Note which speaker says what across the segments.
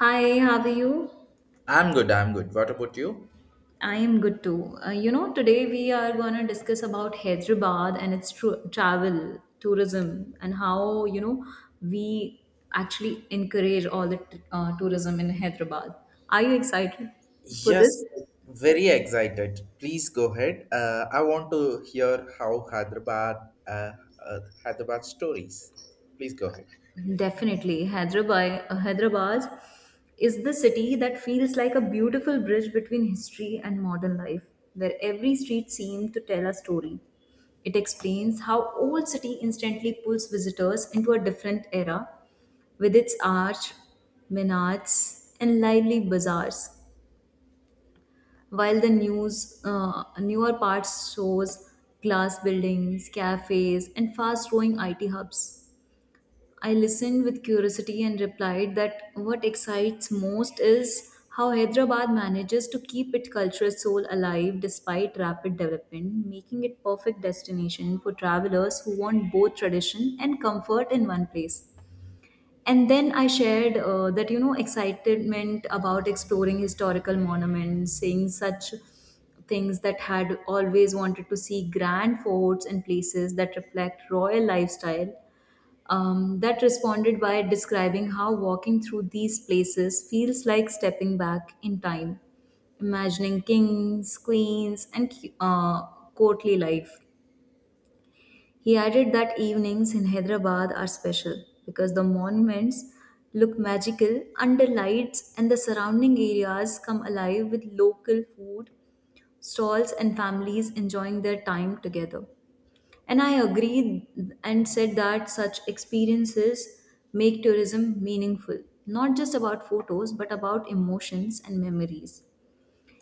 Speaker 1: Hi, how are you?
Speaker 2: I'm good, I'm good. What about you?
Speaker 1: I am good too. You know, today we are going to discuss about Hyderabad and its travel, tourism, and how, you know, we actually encourage all the tourism in Hyderabad. Are you excited for
Speaker 2: Yes,
Speaker 1: this?
Speaker 2: very excited. Please go ahead. I want to hear how uh, Hyderabad stories. Please go ahead.
Speaker 1: Definitely. Hyderabad is the city that feels like a beautiful bridge between history and modern life, where every street seems to tell a story. It explains how old city instantly pulls visitors into a different era with its arch, minarets, and lively bazaars, while the newer parts shows glass buildings, cafes, and fast-growing IT hubs. I listened with curiosity and replied that what excites most is how Hyderabad manages to keep its cultural soul alive despite rapid development, making it perfect destination for travelers who want both tradition and comfort in one place. And then I shared that you know excitement about exploring historical monuments, seeing such things that had always wanted to see grand forts and places that reflect royal lifestyle that responded by describing how walking through these places feels like stepping back in time, imagining kings, queens, and uh, courtly life. He added that evenings in Hyderabad are special because the monuments look magical under lights and the surrounding areas come alive with local food stalls and families enjoying their time together. And I agreed and said that such experiences make tourism meaningful, not just about photos, but about emotions and memories.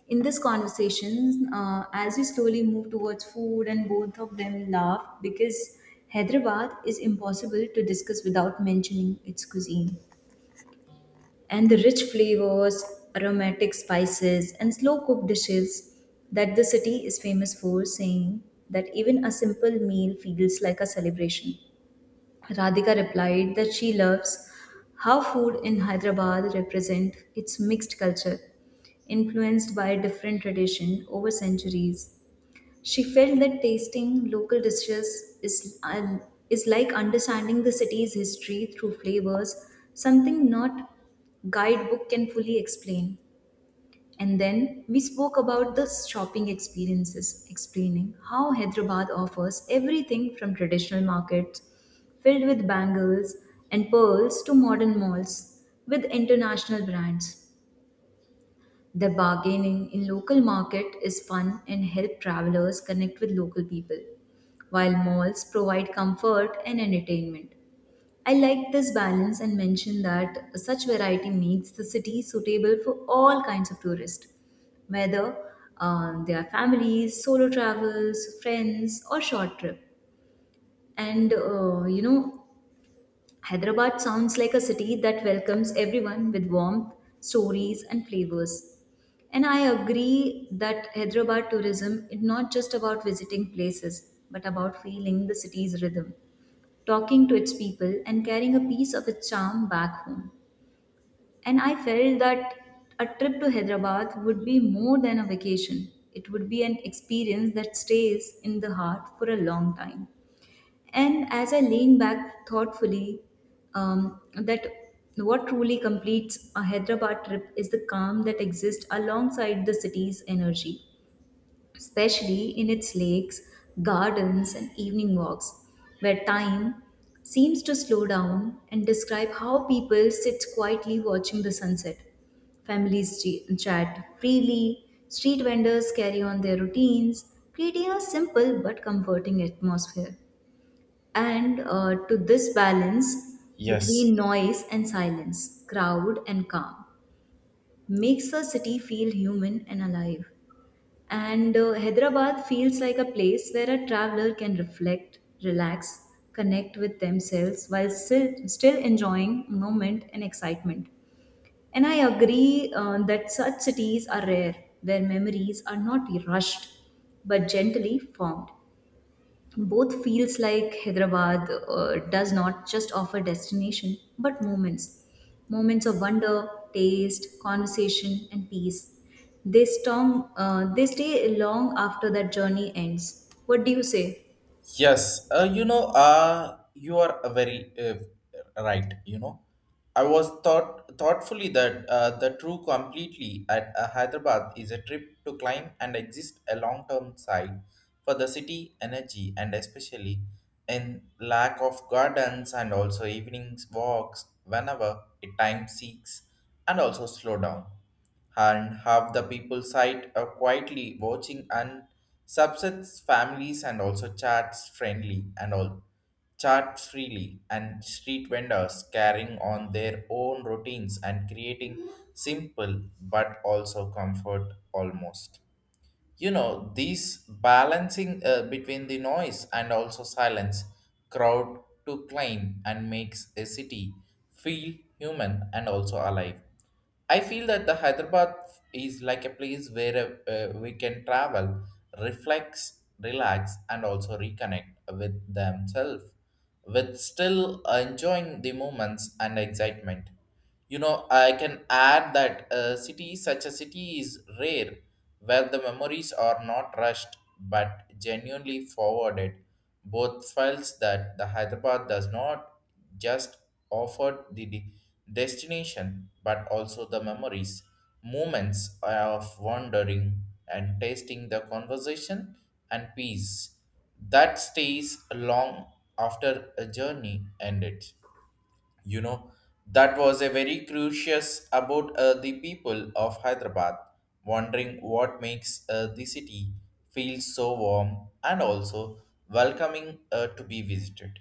Speaker 1: In this conversation, as we slowly move towards food, and both of them laugh because Hyderabad is impossible to discuss without mentioning its cuisine and the rich flavors, aromatic spices, and slow cooked dishes that the city is famous for, saying that even a simple meal feels like a celebration. Radhika replied that she loves how food in Hyderabad represents its mixed culture, influenced by different tradition over centuries she felt that tasting local dishes is like understanding the city's history through flavors, something not guidebook can fully explain. And then we spoke about the shopping experiences, explaining how Hyderabad offers everything from traditional markets filled with bangles and pearls to modern malls with international brands. The bargaining in local market is fun and help travelers connect with local people, while malls provide comfort and entertainment. I like this balance and mention that such variety makes the city suitable for all kinds of tourists, whether they are families, solo travels, friends, or short trip. And You know, Hyderabad sounds like a city that welcomes everyone with warmth, stories, and flavors. And I agree that Hyderabad tourism is not just about visiting places, but about feeling the city's rhythm, talking to its people, and carrying a piece of its charm back home. And I felt that a trip to Hyderabad would be more than a vacation. It would be an experience that stays in the heart for a long time. And as I lean back thoughtfully, that what truly completes a Hyderabad trip is the calm that exists alongside the city's energy especially in its lakes, gardens, and evening walks, where time seems to slow down and describe how people sit quietly watching the sunset. Families chat freely, street vendors carry on their routines, creating a simple but comforting atmosphere. And To this balance
Speaker 2: Yes.
Speaker 1: between noise and silence, crowd and calm, makes the city feel human and alive. And Hyderabad feels like a place where a traveler can reflect, relax, connect with themselves while still enjoying moment and excitement. And I agree that such cities are rare, where memories are not rushed but gently formed both feels like hyderabad does not just offer destination but moments moments of wonder taste conversation and peace they stay long after that journey ends. What do you say?
Speaker 2: Yes, you are a very right. You know, I was thought thoughtfully that the true completely at Hyderabad is a trip to climb and exist a long term side for the city energy and especially in lack of gardens and also evenings walks whenever it time seeks and also slow down and half the people site quietly watching and subsets families and also chats friendly and all chat freely and street vendors carrying on their own routines and creating simple but also comfort almost. You know these balancing between the noise and also silence, crowd to climb and makes a city feel human and also alive. I feel that the Hyderabad is like a place where we can travel, reflex, relax, and also reconnect with themselves with still enjoying the moments and excitement. You know, I can add that a city such a city is rare where the memories are not rushed but genuinely forwarded. Both files that the Hyderabad does not just offer the destination but also the memories, moments of wandering and tasting the conversation and peace that stays long after a journey ended. You know, that was a very curious about the people of Hyderabad, wondering what makes the city feel so warm and also welcoming to be visited,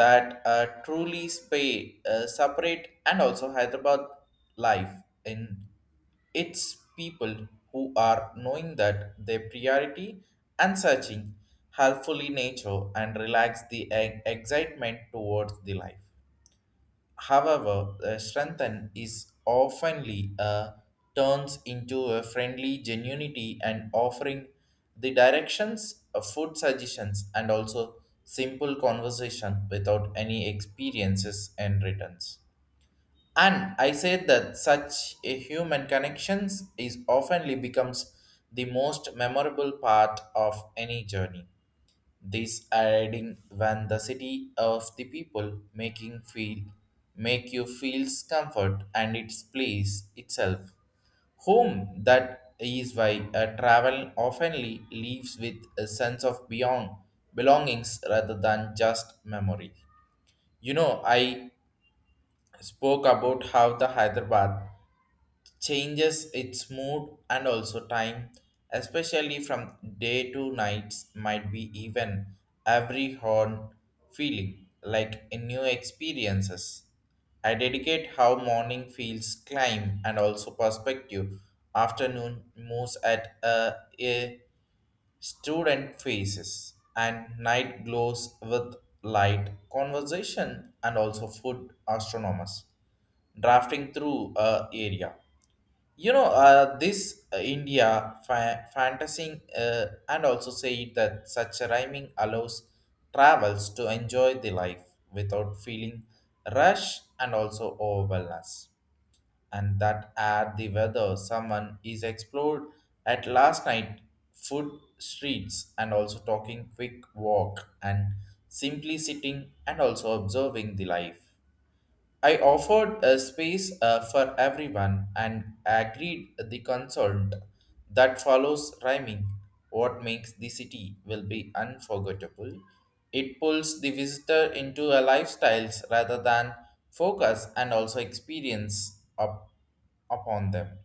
Speaker 2: that truly spay, separate and also Hyderabad life in its people who are knowing that their priority and searching helpfully nature and relax the excitement towards the life. However, strengthen is oftenly turns into a friendly genuinity and offering the directions, food suggestions, and also simple conversation without any experiences and returns. And I say that such a human connections is oftenly becomes the most memorable part of any journey. These are adding when the city of the people making feel make you feels comfort and its place itself. Home, that is why a travel oftenly leaves with a sense of beyond belongings rather than just memory. You know, I spoke about how the Hyderabad changes its mood and also time, especially from day to nights, might be even every horn feeling like in new experiences. I dedicate how morning feels climb and also perspective, afternoon moves at a student faces, and night glows with light conversation and also food astronomers drafting through a area. You know this india fantasy, and also say that such rhyming allows travels to enjoy the life without feeling rush and also overwhelmness, and that at the weather someone is explored at last night food streets and also talking quick walk and simply sitting and also observing the life. I offered a space for everyone and agreed the consult that follows rhyming. What makes the city will be unforgettable. It pulls the visitor into a lifestyles rather than focus and also experience up upon them.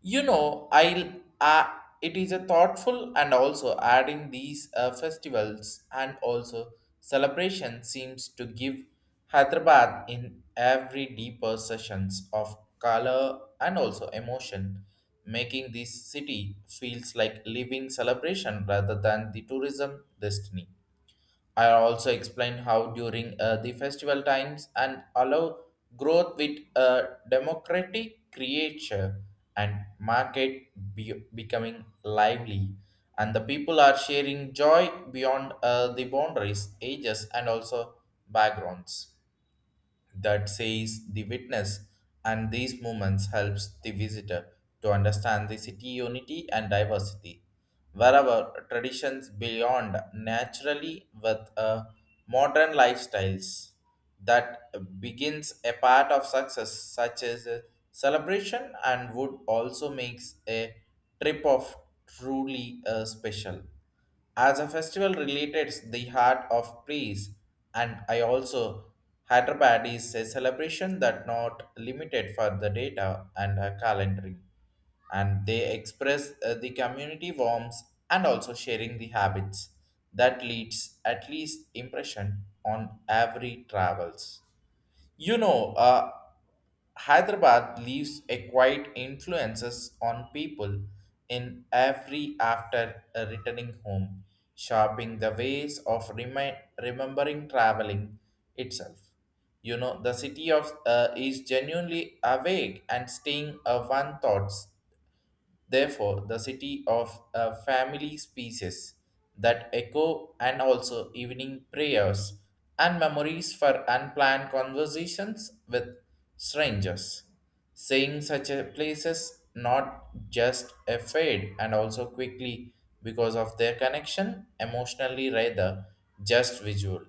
Speaker 2: You know, I'll. Uh, it is a thoughtful and also adding these festivals and also celebration seems to give Hyderabad in every deeper sessions of color and also emotion, making this city feels like living celebration rather than the tourism destiny. I also explain how during the festival times and allow growth with a democratic creature and market becoming lively and the people are sharing joy beyond the boundaries ages and also backgrounds, that says the witness, and these moments helps the visitor to understand the city unity and diversity wherever traditions beyond naturally with modern lifestyles that begins a part of success such as a celebration, and would also makes a trip of truly special as a festival related the heart of praise. And I also Hyderabad is a celebration that not limited for the data and a calendar, and they express the community warmth and also sharing the habits that leads at least impression on every travels. You know, Hyderabad leaves a quiet influences on people in every after returning home, sharpening the ways of remembering traveling itself. You know the city of is genuinely awake and staying one thoughts. Therefore, the city of a family species that echo and also evening prayers and memories for unplanned conversations with strangers. Saying such a places not just a fade and also quickly because of their connection emotionally rather just visual.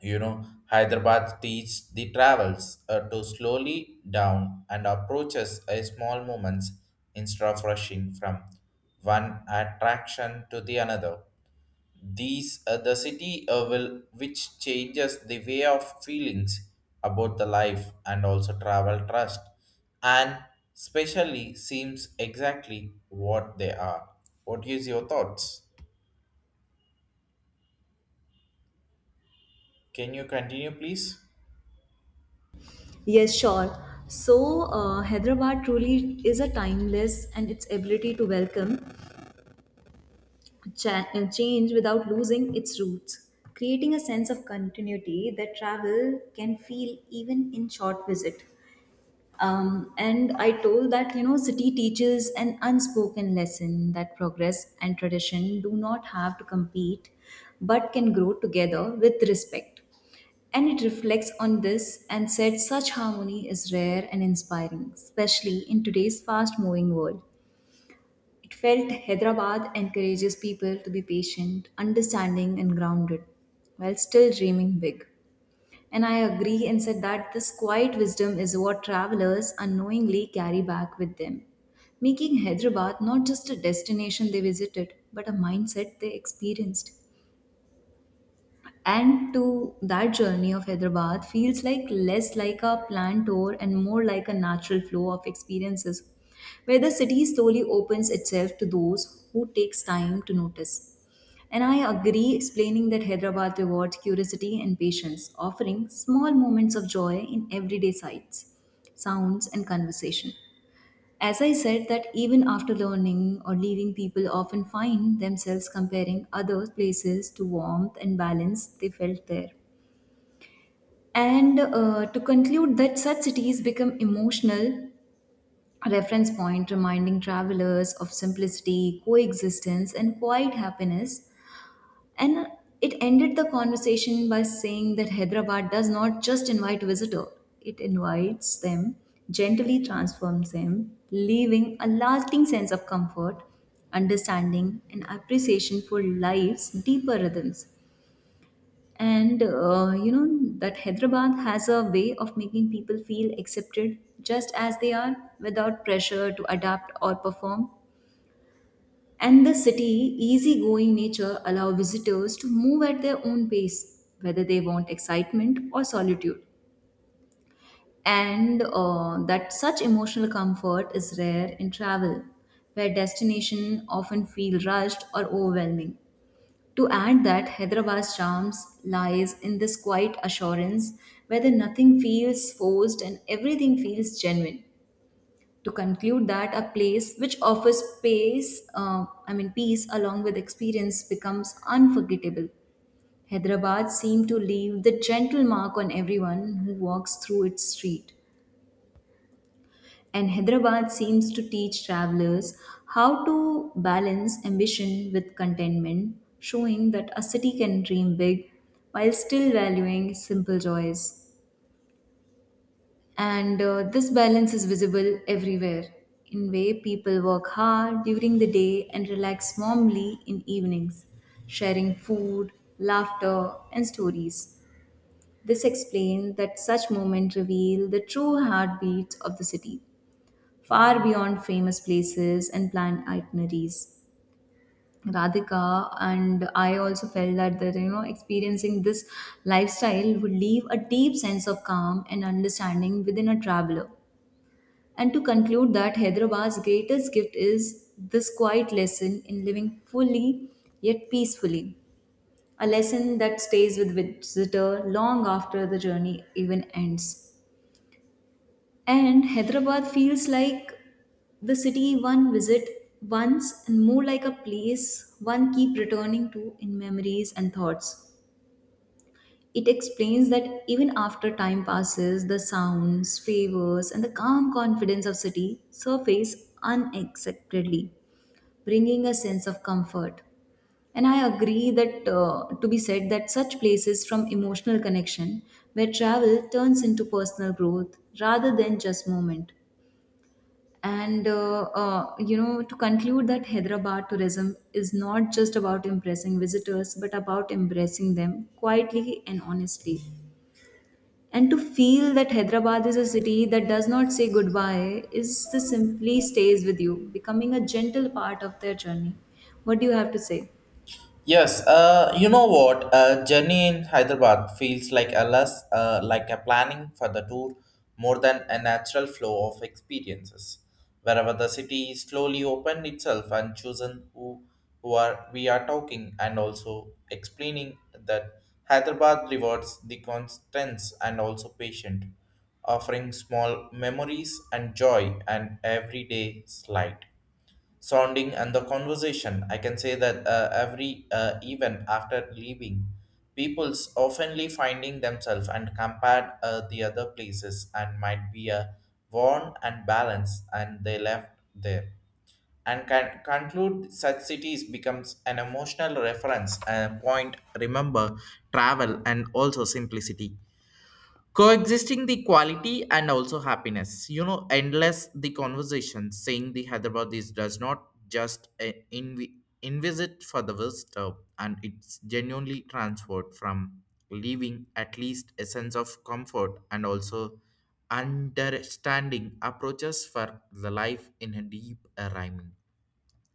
Speaker 2: You know, Hyderabad teaches the travels to slowly down and approaches a small moments instead of rushing from one attraction to the another. The city will which changes the way of feelings about the life and also travel trust and specially seems exactly what they are. What is your thoughts? Can you continue please?
Speaker 1: Yes, sure. So hyderabad truly is a timeless and its ability to welcome change without losing its roots creating a sense of continuity that travel can feel even in short visit. And I told that, you know, city teaches an unspoken lesson that progress and tradition do not have to compete but can grow together with respect. And it reflects on this and said such harmony is rare and inspiring, especially in today's fast moving world. It felt Hyderabad encourages people to be patient, understanding, and grounded while still dreaming big. And I agree and said that this quiet wisdom is what travelers unknowingly carry back with them, making Hyderabad not just a destination they visited, but a mindset they experienced and to that journey of hyderabad feels like less like a planned tour and more like a natural flow of experiences where the city slowly opens itself to those who takes time to notice and I agree explaining that hyderabad rewards curiosity and patience offering small moments of joy in everyday sights sounds and conversation as I said, that even after learning or leaving, people often find themselves comparing other places to warmth and balance they felt there. And To conclude, that such cities become emotional reference point, reminding travelers of simplicity, coexistence, and quiet happiness and it ended the conversation by saying that Hyderabad does not just invite visitors, it invites them, gently transforms them, leaving a lasting sense of comfort, understanding, and appreciation for life's deeper rhythms. And You know that Hyderabad has a way of making people feel accepted just as they are without pressure to adapt or perform. And the city easygoing nature allow visitors to move at their own pace, whether they want excitement or solitude. And That such emotional comfort is rare in travel, where destination often feel rushed or overwhelming. To add that Hyderabad's charms lies in this quiet assurance, whether nothing feels forced and everything feels genuine to conclude that a place which offers I mean peace along with experience becomes unforgettable. Hyderabad seemed to leave the gentle mark on everyone who walks through its street. And Hyderabad seems to teach travelers how to balance ambition with contentment, showing that a city can dream big while still valuing simple joys. And this balance is visible everywhere in way people work hard during the day and relax warmly in evenings sharing food laughter and stories this explains that such moments reveal the true heartbeats of the city far beyond famous places and planned itineraries Radhika and I also felt that you know experiencing this lifestyle would leave a deep sense of calm and understanding within a traveler. And to conclude that Hyderabad's greatest gift is this quiet lesson in living fully yet peacefully, a lesson that stays with visitor long after the journey even ends. And Hyderabad feels like the city one visit once and more like a place one keep returning to in memories and thoughts. It explains that even after time passes, the sounds, flavors, and the calm confidence of city surface unexpectedly, bringing a sense of comfort. And I agree that to be said that such places from emotional connection, where travel turns into personal growth rather than just moment. And You know, to conclude that Hyderabad tourism is not just about impressing visitors, but about embracing them quietly and honestly. And to feel that Hyderabad is a city that does not say goodbye is the simply stays with you, becoming a gentle part of their journey. What do you have to say?
Speaker 2: Yes, you know what? Journey in Hyderabad feels like a less like a planning for the tour more than a natural flow of experiences. Wherever the city is slowly opened itself and chosen who are we are talking and also explaining that Hyderabad rewards the constants and also patient, offering small memories and joy and everyday light sounding and the conversation. I can say that every even after leaving, people's oftenly finding themselves and compared the other places and might be a worn and balanced and they left there, and can conclude such cities becomes an emotional reference a point remember travel and also simplicity coexisting the quality and also happiness. You know endless the conversation saying the Hyderabad is does not just invisit for the visitor, and it's genuinely transferred from leaving at least a sense of comfort and also understanding approaches for the life in a deep rhyming.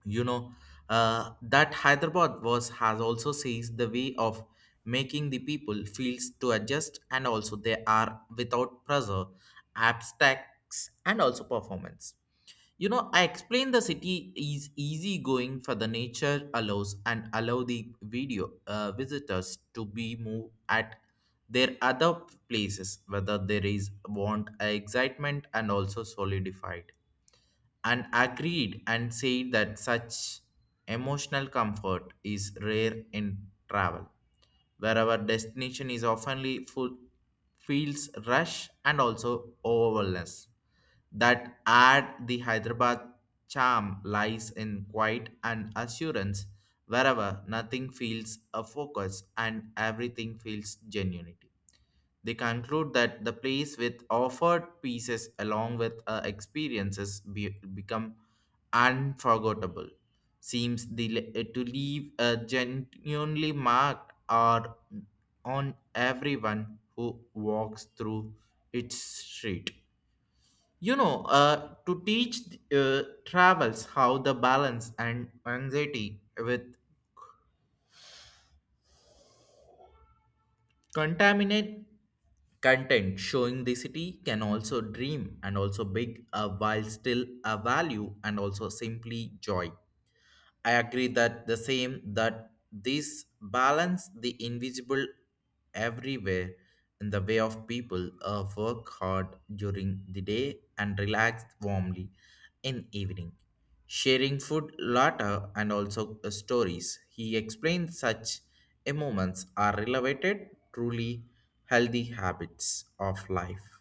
Speaker 2: You know, that Hyderabad was has also sees the way of making the people feels to adjust and also they are without pressure abstracts and also performance. You know, I explain the city is easy going for the nature allows and allow the video visitors to be move at their other places whether there is want excitement and also solidified, and agreed and said that such emotional comfort is rare in travel, where our destination is oftenly full, feels rush and also overwhelmness. That add the Hyderabad charm lies in quiet and assurance, wherever nothing feels a focus and everything feels genuinity. They conclude that the place with offered pieces along with experiences become unforgettable. Seems the, to leave a genuinely marked or on everyone who walks through its street. You know, to teach travels how the balance and anxiety with Contaminate content showing the city can also dream and also big while still a value and also simply joy. I agree that the same that this balance the invisible everywhere in the way of people work hard during the day and relax warmly in evening sharing food, laughter, and also stories. He explains such a moments are related truly healthy habits of life.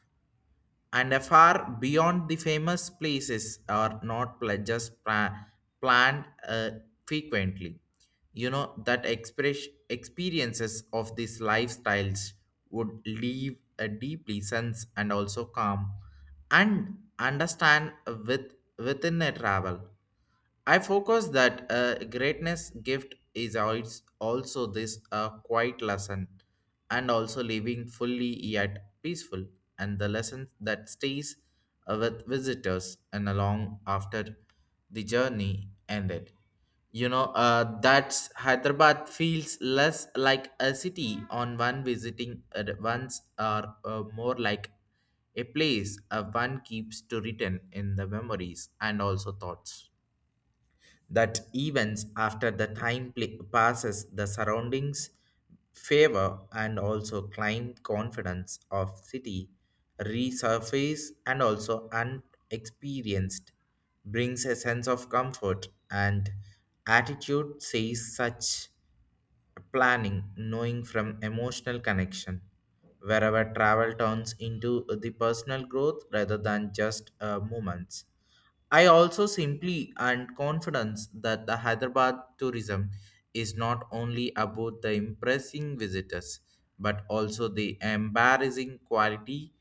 Speaker 2: And a far beyond the famous places are not pleasures planned frequently. You know that express experiences of these lifestyles would leave a deeply sense and also calm and understand with within a travel. I focus that greatness gift is also this quiet lesson and also living fully yet peaceful, and the lesson that stays with visitors and along after the journey ended. You know, that's Hyderabad feels less like a city on one visiting once or more like a place one keeps to return in the memories and also thoughts, that events after the time passes the surroundings favor and also climb confidence of city resurface and also unexperienced brings a sense of comfort and attitude says such planning knowing from emotional connection wherever travel turns into the personal growth rather than just moments. I also simply and confidence that the Hyderabad tourism is not only about the impressing visitors but also the embarrassing quality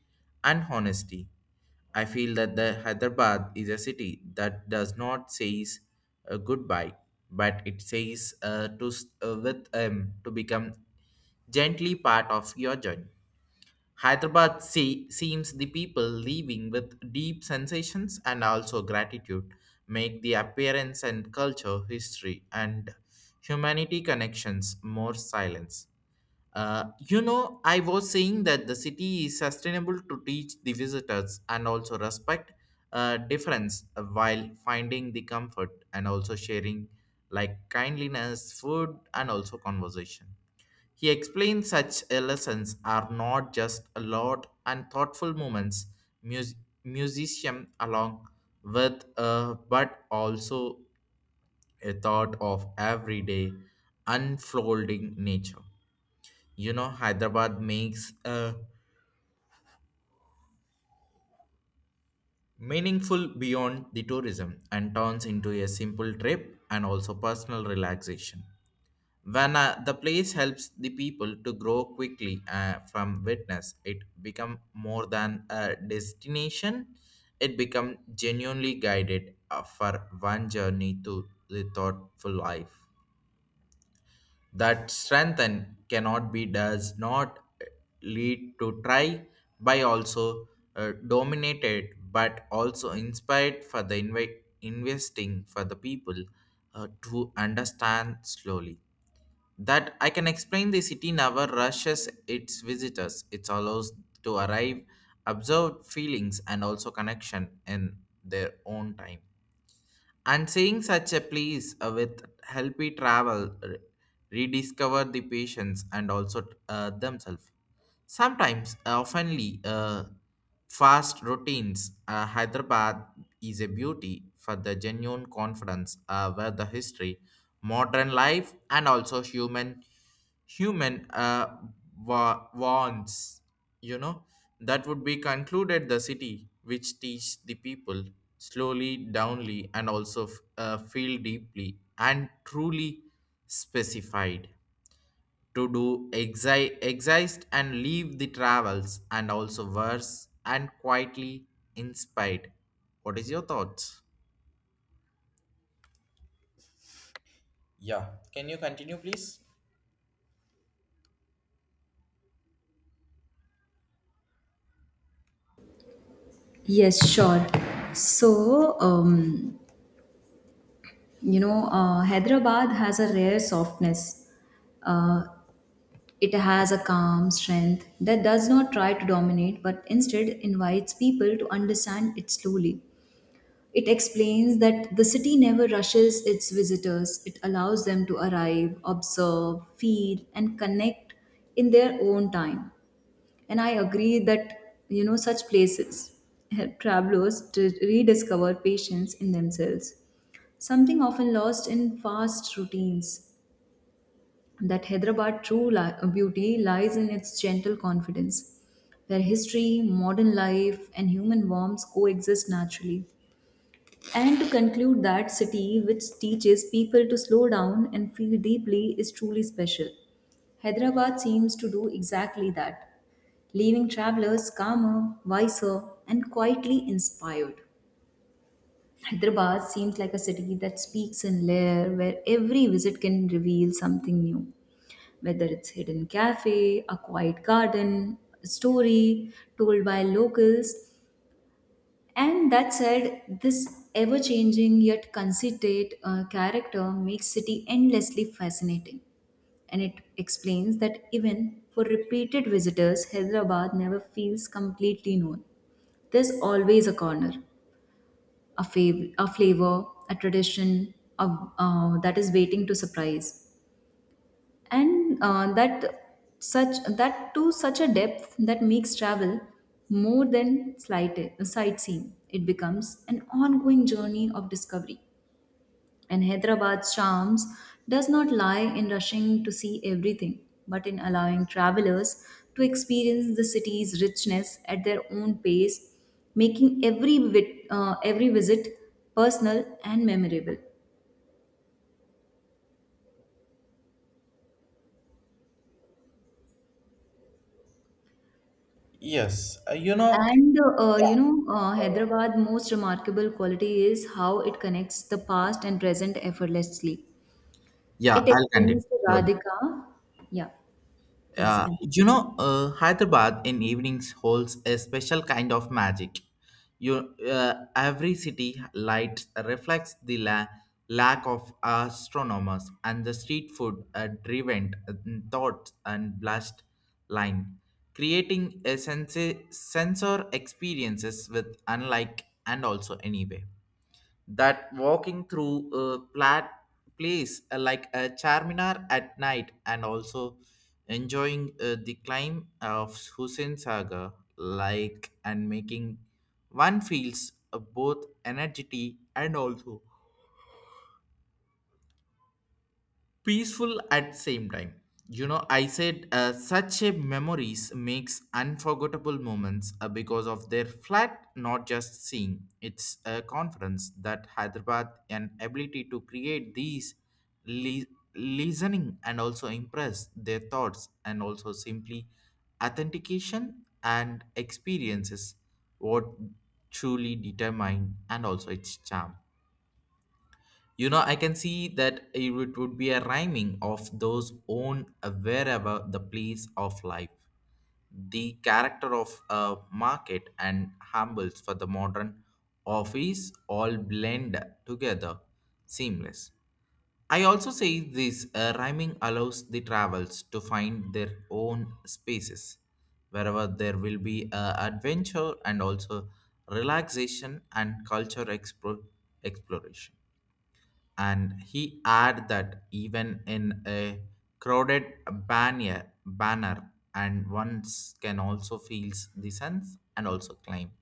Speaker 2: and honesty. I feel that the Hyderabad is a city that does not says goodbye, but it says to s- with to become gently part of your journey. Hyderabad seems the people leaving with deep sensations and also gratitude make the appearance and culture, history, and humanity connections more silence. You know, I was saying that the city is sustainable to teach the visitors and also respect difference while finding the comfort and also sharing like kindliness, food, and also conversation. He explained such lessons are not just a lot and thoughtful moments mus- musician along with but also a thought of everyday unfolding nature. You know Hyderabad makes meaningful beyond the tourism and turns into a simple trip and also personal relaxation. When the place helps the people to grow quickly from witness, it become more than a destination. It become genuinely guided for one journey to the thoughtful life. That strengthen cannot be does not lead to try by also dominated but also inspired for the investing for the people to understand slowly that I can explain the city never rushes its visitors. It allows to arrive, observe feelings and also connection in their own time. And seeing such a place with helpy travel, rediscover the patients and also themselves. Sometimes, oftenly, fast routines. Hyderabad is a beauty for the genuine confidence where the history, modern life, and also human wants you know that would be concluded the city which teach the people slowly downly and also feel deeply and truly specified to do exist and leave the travels and also verse and quietly inspired. What is your thoughts? Yeah. Can you continue, please?
Speaker 1: Yes, sure. So, um, you know, Hyderabad has a rare softness. Uh, it has a calm strength that does not try to dominate, but instead invites people to understand it slowly. It explains that the city never rushes its visitors. It allows them to arrive, observe, feel, and connect in their own time. And I agree that, you know, such places help travelers to rediscover patience in themselves, something often lost in fast routines. That Hyderabad beauty lies in its gentle confidence where history, modern life, and human warmth coexist naturally. And to conclude, that city which teaches people to slow down and feel deeply is truly special. Hyderabad seems to do exactly that, leaving travelers calmer, wiser, and quietly inspired. Hyderabad seems like a city that speaks in layer where every visit can reveal something new, whether it's hidden cafe, a quiet garden, a story told by locals, and that said, this ever changing yet considerate character makes City endlessly fascinating. And it explains that even for repeated visitors, Hyderabad never feels completely known. There's always a corner, a flavor, a tradition of, that is waiting to surprise and that such that to such a depth that makes travel more than sightseeing it becomes an ongoing journey of discovery and hyderabad's charms does not lie in rushing to see everything but in allowing travelers to experience the city's richness at their own pace making every visit personal and memorable.
Speaker 2: Yes. You know,
Speaker 1: And
Speaker 2: yeah.
Speaker 1: You know, Hyderabad's most remarkable quality is how it connects the past and present effortlessly.
Speaker 2: Yeah,
Speaker 1: It
Speaker 2: I'll
Speaker 1: explains to
Speaker 2: continue.
Speaker 1: Radhika. Yeah, please continue.
Speaker 2: You know, Hyderabad in evenings holds a special kind of magic. You, every city light reflects the lack of astronomers and the street food driven thoughts and blast line, creating a sense sensor experiences with unlike and also anyway that walking through a plat place like a charminar at night and also enjoying the climb of Hussein Saga like and making one feels both energy and also peaceful at same time. You know, I said such a memories makes unforgettable moments because of their flat not just seeing it's a conference that Hyderabad and ability to create these li- listening and also impress their thoughts and also simply authentication and experiences what truly determine and also its charm. You know, I can see that it would be a rhyming of those own wherever the place of life, the character of a market and humbles for the modern office all blend together, seamless. I also say this rhyming allows the travels to find their own spaces, wherever there will be adventure and also relaxation and culture exploration. And he add that even in a crowded banner and ones can also feels the sense and also climb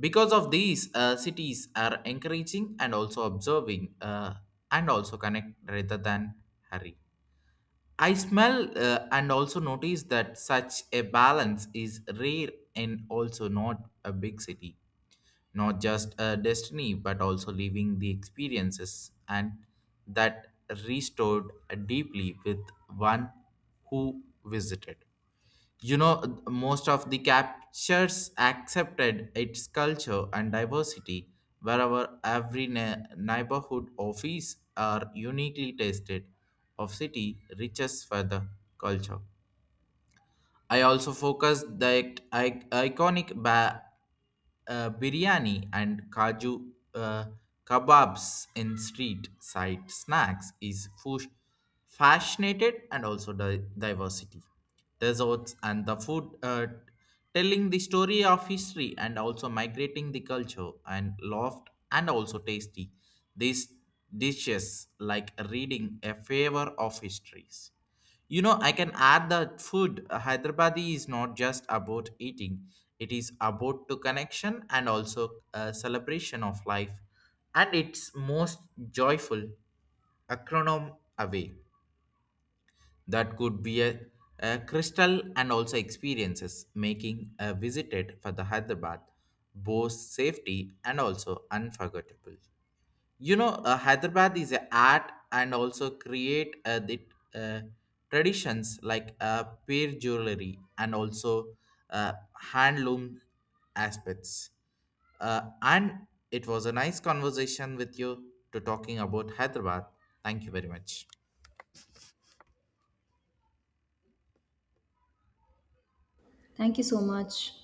Speaker 2: because of these cities are encouraging and also observing and also connect rather than hurry. I smell and also notice that such a balance is rare and also not a big city, not just a destiny but also living the experiences and that restored deeply with one who visited. You know, most of the captures accepted its culture and diversity wherever every neighborhood office are uniquely tasted of city riches for the culture. I also focus the iconic biryani and kaju kebabs in street side snacks is fascinated and also diversity. Desserts and the food telling the story of history and also migrating the culture and loft and also tasty. These dishes like reading a favor of histories. You know, I can add that food. Hyderabadi is not just about eating; it is about to connection and also a celebration of life, and it's most joyful acronym away. That could be a crystal and also experiences making a visited for the Hyderabad both safety and also unforgettable. You know, Hyderabad is a art and also create the uh, traditions like pear jewelry and also uh, handloom aspects, and it was a nice conversation with you to talking about Hyderabad. Thank you very much.
Speaker 1: Thank you so much.